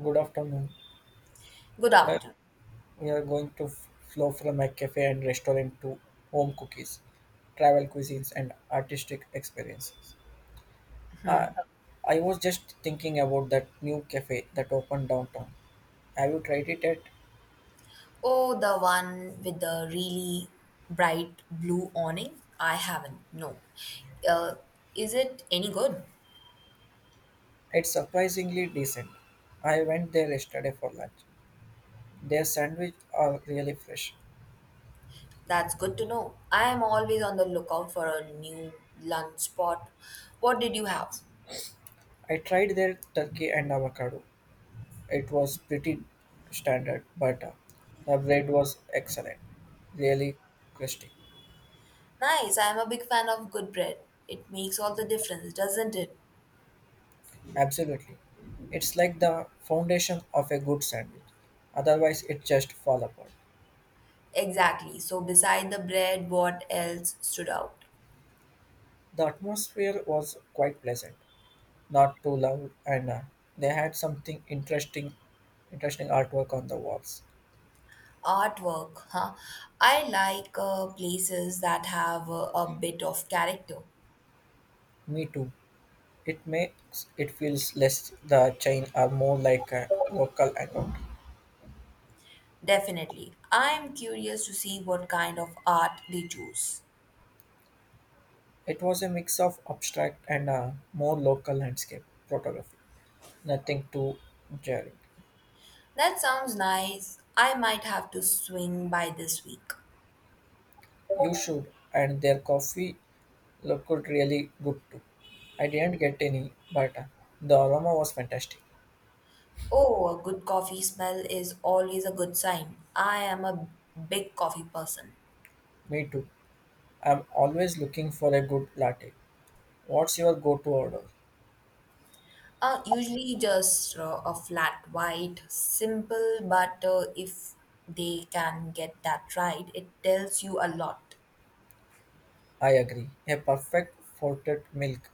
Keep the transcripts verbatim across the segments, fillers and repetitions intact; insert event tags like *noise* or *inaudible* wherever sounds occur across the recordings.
Good afternoon. Good Today afternoon. we are going to f- flow from a cafe and restaurant to home cookies, travel cuisines, and artistic experiences. Uh, I was just thinking about that new cafe that opened downtown. Have you tried it yet? Oh, the one with the really bright blue awning? I haven't, no. Uh, is it any good? It's surprisingly decent. I went there yesterday for lunch. Their sandwich are really fresh. That's good to know. I am always on the lookout for a new lunch spot. What did you have? I tried their turkey and avocado. It was pretty standard, but uh, the bread was excellent, really crusty. Nice, I am a big fan of good bread. It makes all the difference, doesn't it? Absolutely. It's like the foundation of a good sandwich. Otherwise, it just fall apart. Exactly. So, beside the bread, what else stood out? The atmosphere was quite pleasant, not too loud, and uh, they had something interesting, interesting artwork on the walls. Artwork, huh? I like uh, places that have uh, a bit of character. Me too. It makes it feels less the chain are more like a local account. Definitely. I am curious to see what kind of art they choose. It was a mix of abstract and uh, more local landscape photography. Nothing too jarring. That sounds nice. I might have to swing by this week. You should, and their coffee looked really good too. I didn't get any, but uh, the aroma was fantastic. Oh, a good coffee smell is always a good sign. I am a big coffee person. Me too. I'm always looking for a good latte. What's your go to order? Uh, usually just uh, a flat white, simple, but uh, if they can get that right, it tells you a lot. I agree. A perfect forted milk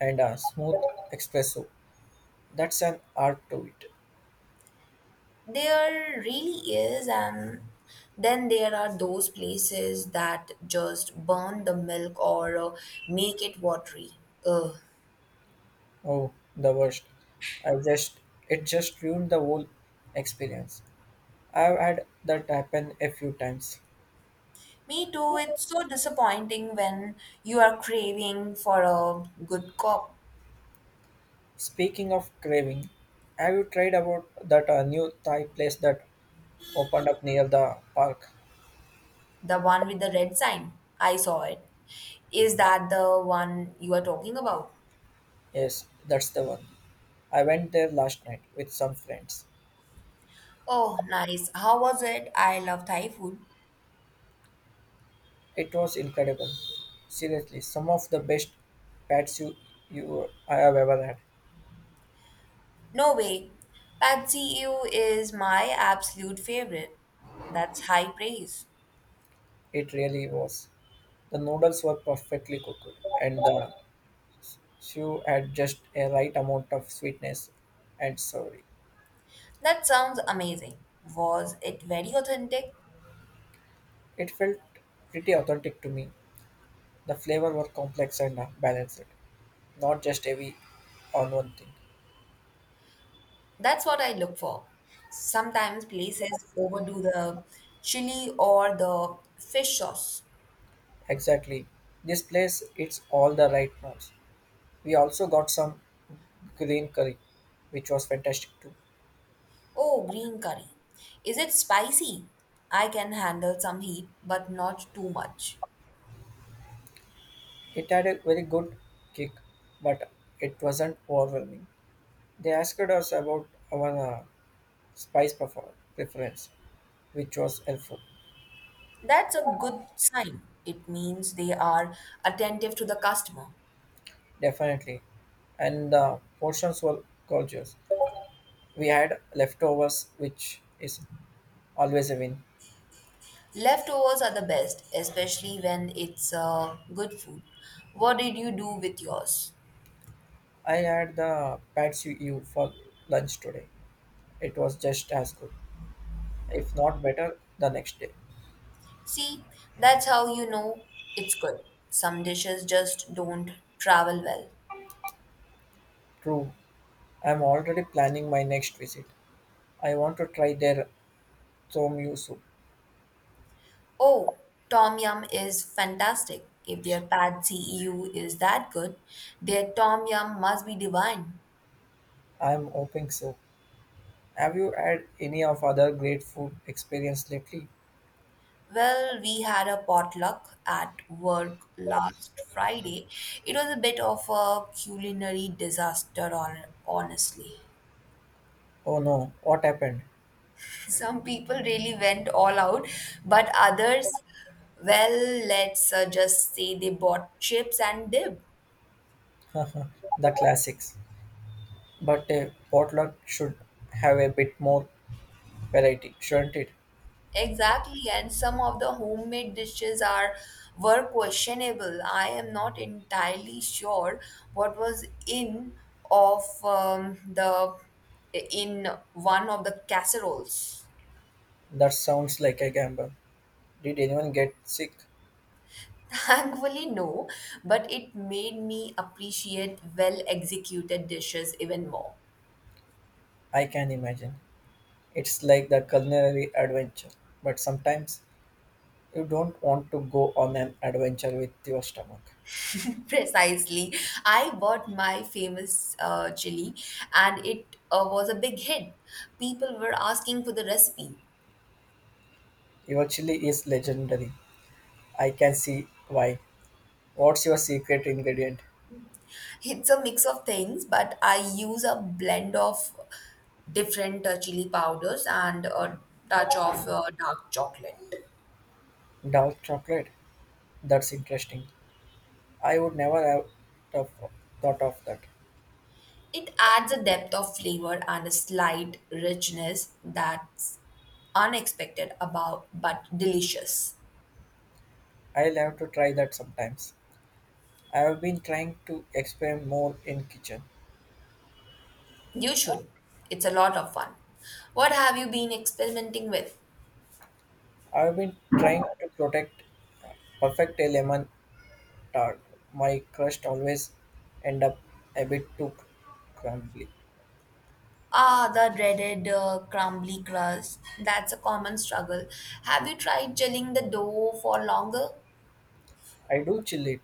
and a smooth espresso. That's an art to it. There really is, and then there are those places that just burn the milk or uh, make it watery. Ugh. Oh, the worst. I just it just ruined the whole experience. I've had that happen a few times. Me too, it's so disappointing when you are craving for a good cup. Speaking of craving, have you tried about that uh, new Thai place that opened up near the park. The one with the red sign. I saw it. Is that the one you are talking about? Yes, that's the one. I went there last night with some friends. Oh, nice. How was it? I love Thai food. It was incredible. Seriously, some of the best pats you, you I have ever had. No way. Pad see ew is my absolute favorite. That's high praise. It really was. The noodles were perfectly cooked, and the stew had just a right amount of sweetness and savory. That sounds amazing. Was it very authentic? It felt pretty authentic to me. The flavor were complex and uh, balanced, not just heavy on one thing. That's what I look for. Sometimes places overdo the chili or the fish sauce. Exactly. This place it's all the right notes. We also got some green curry, which was fantastic too. Oh, green curry. Is it spicy? I can handle some heat, but not too much. It had a very good kick, but it wasn't overwhelming. They asked us about our uh, spice prefer- preference, which was helpful, That's a good sign. It means they are attentive to the customer. definitely. And the portions were gorgeous. We had leftovers, which is always a win. Leftovers are the best, especially when it's uh, good food. What did you do with yours? I had the pad see ew for lunch today. It was just as good. If not better, the next day. See, that's how you know it's good. Some dishes just don't travel well. True, I'm already planning my next visit. I want to try their tom yum soup. Oh, tom yum is fantastic. If their pad see ew is that good, their tom yum must be divine. I'm hoping so. Have you had any of other great food experience lately? Well, we had a potluck at work last Friday. It was a bit of a culinary disaster, hon- honestly. Oh no, what happened? Some people really went all out, but others, well, let's uh, just say they bought chips and dip. *laughs* The classics. But a potluck should have a bit more variety, shouldn't it? Exactly, and some of the homemade dishes are were questionable. I am not entirely sure what was in of um, the in one of the casseroles. That sounds like a gamble. Did anyone get sick? *laughs* Thankfully, no, but it made me appreciate well executed dishes even more. I can imagine. It's like the culinary adventure. But sometimes you don't want to go on an adventure with your stomach. Precisely. I bought my famous uh, chili and it uh, was a big hit. People were asking for the recipe. Your chili is legendary. I can see why. What's your secret ingredient? It's a mix of things, but I use a blend of different uh, chili powders and a touch of uh, dark chocolate. Dark chocolate. That's interesting. I would never have thought thought of that. It adds a depth of flavor and a slight richness that's unexpected about but delicious. I'll have to try that sometimes. I have been trying to experiment more in kitchen. You should. It's a lot of fun. What have you been experimenting with? I have been trying to protect perfect a lemon tart. My crust always end up a bit too crumbly. Ah, the dreaded uh, crumbly crust. That's a common struggle. Have you tried gelling the dough for longer? I do chill it,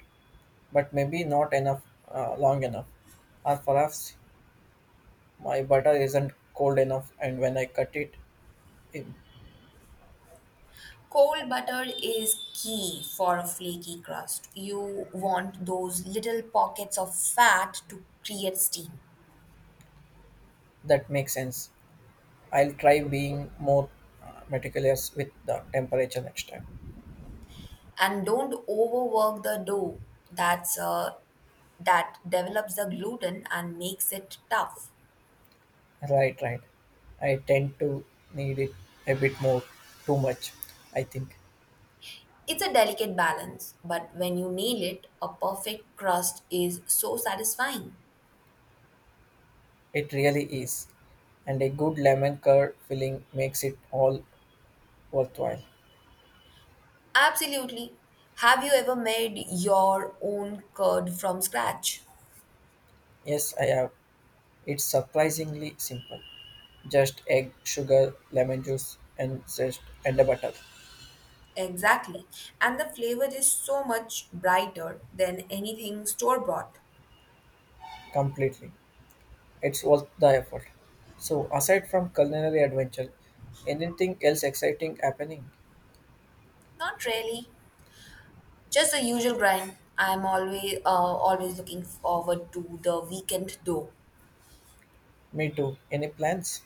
but maybe not enough uh, long enough, or perhaps my butter isn't cold enough and when I cut it in. Cold butter is key for a flaky crust. You want those little pockets of fat to create steam. That makes sense. I'll try being more uh, meticulous with the temperature next time. And don't overwork the dough. That's uh, that develops the gluten and makes it tough. Right right, I tend to need it a bit more, too much, I think. It's a delicate balance, but when you nail it, a perfect crust is so satisfying. It really is, and a good lemon curd filling makes it all worthwhile. Absolutely. Have you ever made your own curd from scratch? Yes, I have. It's surprisingly simple. Just egg, sugar, lemon juice, and zest, and the butter. Exactly. And the flavor is so much brighter than anything store bought. Completely, it's worth the effort. So, aside from culinary adventure, anything else exciting happening? Not really. Just the usual grind. I'm always uh, always looking forward to the weekend though. Me too. Any plans?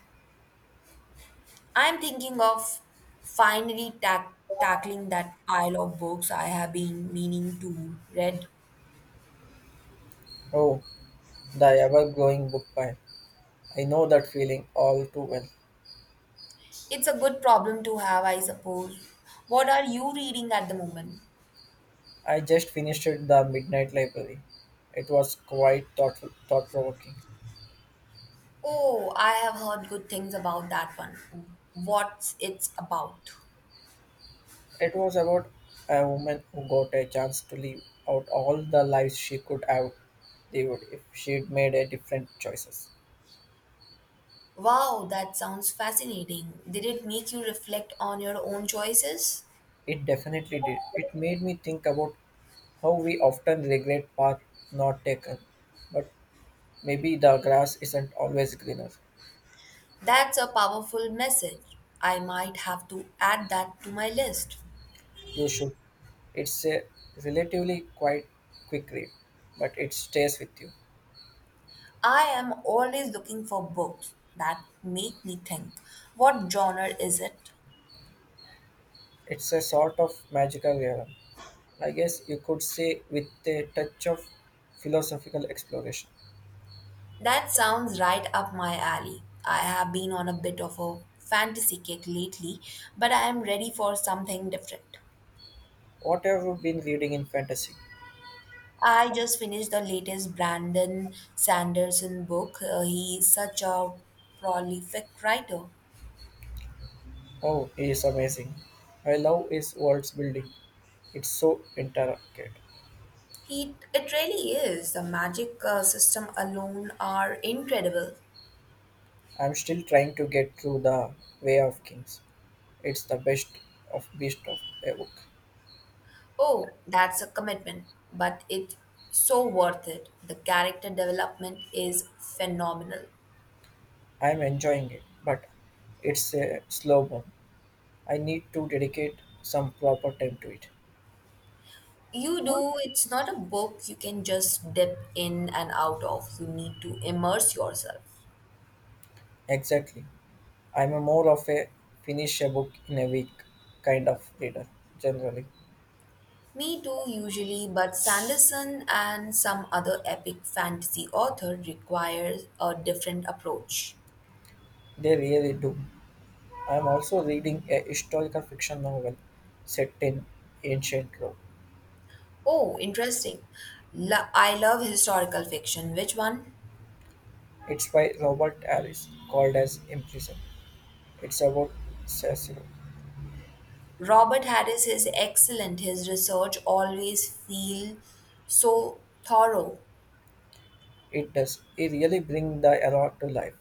I'm thinking of finally tack tackling that pile of books I have been meaning to read. Oh, the ever-growing book pile. I know that feeling all too well. It's a good problem to have, I suppose. What are you reading at the moment? I just finished The Midnight Library. It was quite thought- thought-provoking. Oh, I have heard good things about that one. What's it about? It was about a woman who got a chance to live out all the lives she could have lived if she'd made a different choices. Wow, that sounds fascinating. Did it make you reflect on your own choices? It definitely did. It made me think about how we often regret path not taken, but maybe the grass isn't always greener. That's a powerful message. I might have to add that to my list. You should. It's a relatively quite quick read, but it stays with you. I am always looking for books that make me think. What genre is it? It's a sort of magical realm. I guess you could say with a touch of philosophical exploration. That sounds right up my alley. I have been on a bit of a fantasy kick lately, but I am ready for something different. What have you been reading in fantasy? I just finished the latest Brandon Sanderson book. Uh, he is such a prolific writer. Oh, he is amazing. I love his world's building. It's so intricate. He, it really is. The magic uh, system alone are incredible. I'm still trying to get through the Way of Kings. It's the best of beast of a book. Oh, that's a commitment, but it's so worth it. The character development is phenomenal. I'm enjoying it, but it's a slow burn. I need to dedicate some proper time to it. You do, it's not a book you can just dip in and out of. You need to immerse yourself. Exactly. I'm a more of a finish a book in a week kind of reader, generally. Me too, usually, but Sanderson and some other epic fantasy author requires a different approach. They really do. I am also reading a historical fiction novel set in ancient Rome. Oh, interesting. Lo- I love historical fiction. Which one? It's by Robert Harris, called as Imprisoned. It's about Cicero. Robert Harris is excellent. His research always feel so thorough. It does. It really brings the era to life.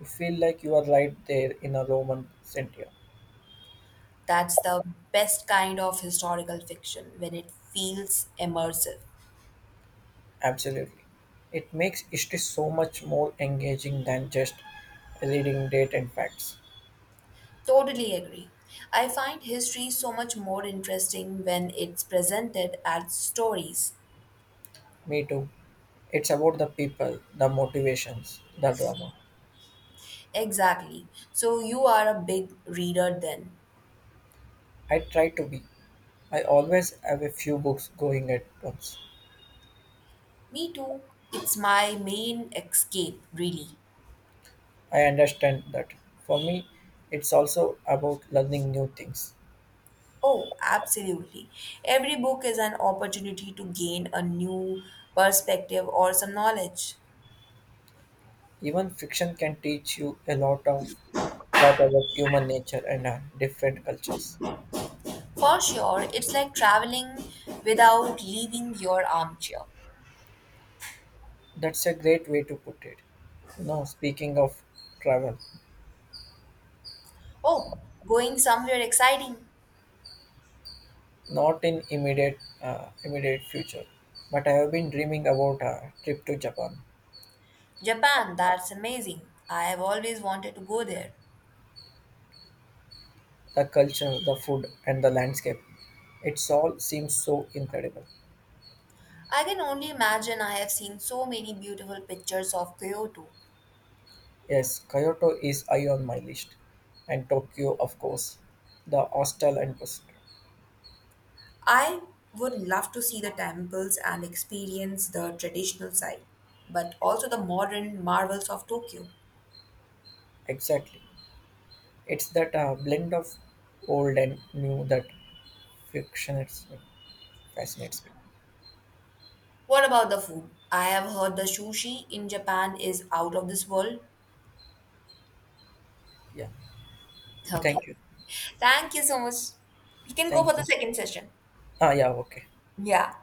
You feel like you are right there in a Roman centurion. That's the best kind of historical fiction when it feels immersive. Absolutely. It makes history so much more engaging than just reading date and facts. Totally agree. I find history so much more interesting when it's presented as stories. Me too. It's about the people, the motivations, the drama. Exactly. So you are a big reader then. I try to be. I always have a few books going at once. Me too. It's my main escape, really. I understand that. For me, it's also about learning new things. Oh, absolutely. Every book is an opportunity to gain a new perspective or some knowledge. Even fiction can teach you a lot of lot about human nature and uh, different cultures. For sure, it's like traveling without leaving your armchair. That's a great way to put it. You know, speaking of travel, Oh, going somewhere exciting. not in immediate uh, immediate future, but I have been dreaming about a trip to Japan. Japan, that's amazing. I have always wanted to go there. The culture, the food, and the landscape. It's all seems so incredible. I can only imagine I have seen so many beautiful pictures of Kyoto. Yes, Kyoto is high on my list. And Tokyo, of course. The hostel and bus. I would love to see the temples and experience the traditional side, but also the modern marvels of Tokyo. Exactly. It's that uh, blend of old and new that fascinates me. Fascinates me. What about the food? I have heard the sushi in Japan is out of this world. Yeah. Okay. Thank you. Thank you so much. We can go for Thank the you. second session. Ah, yeah, okay. Yeah.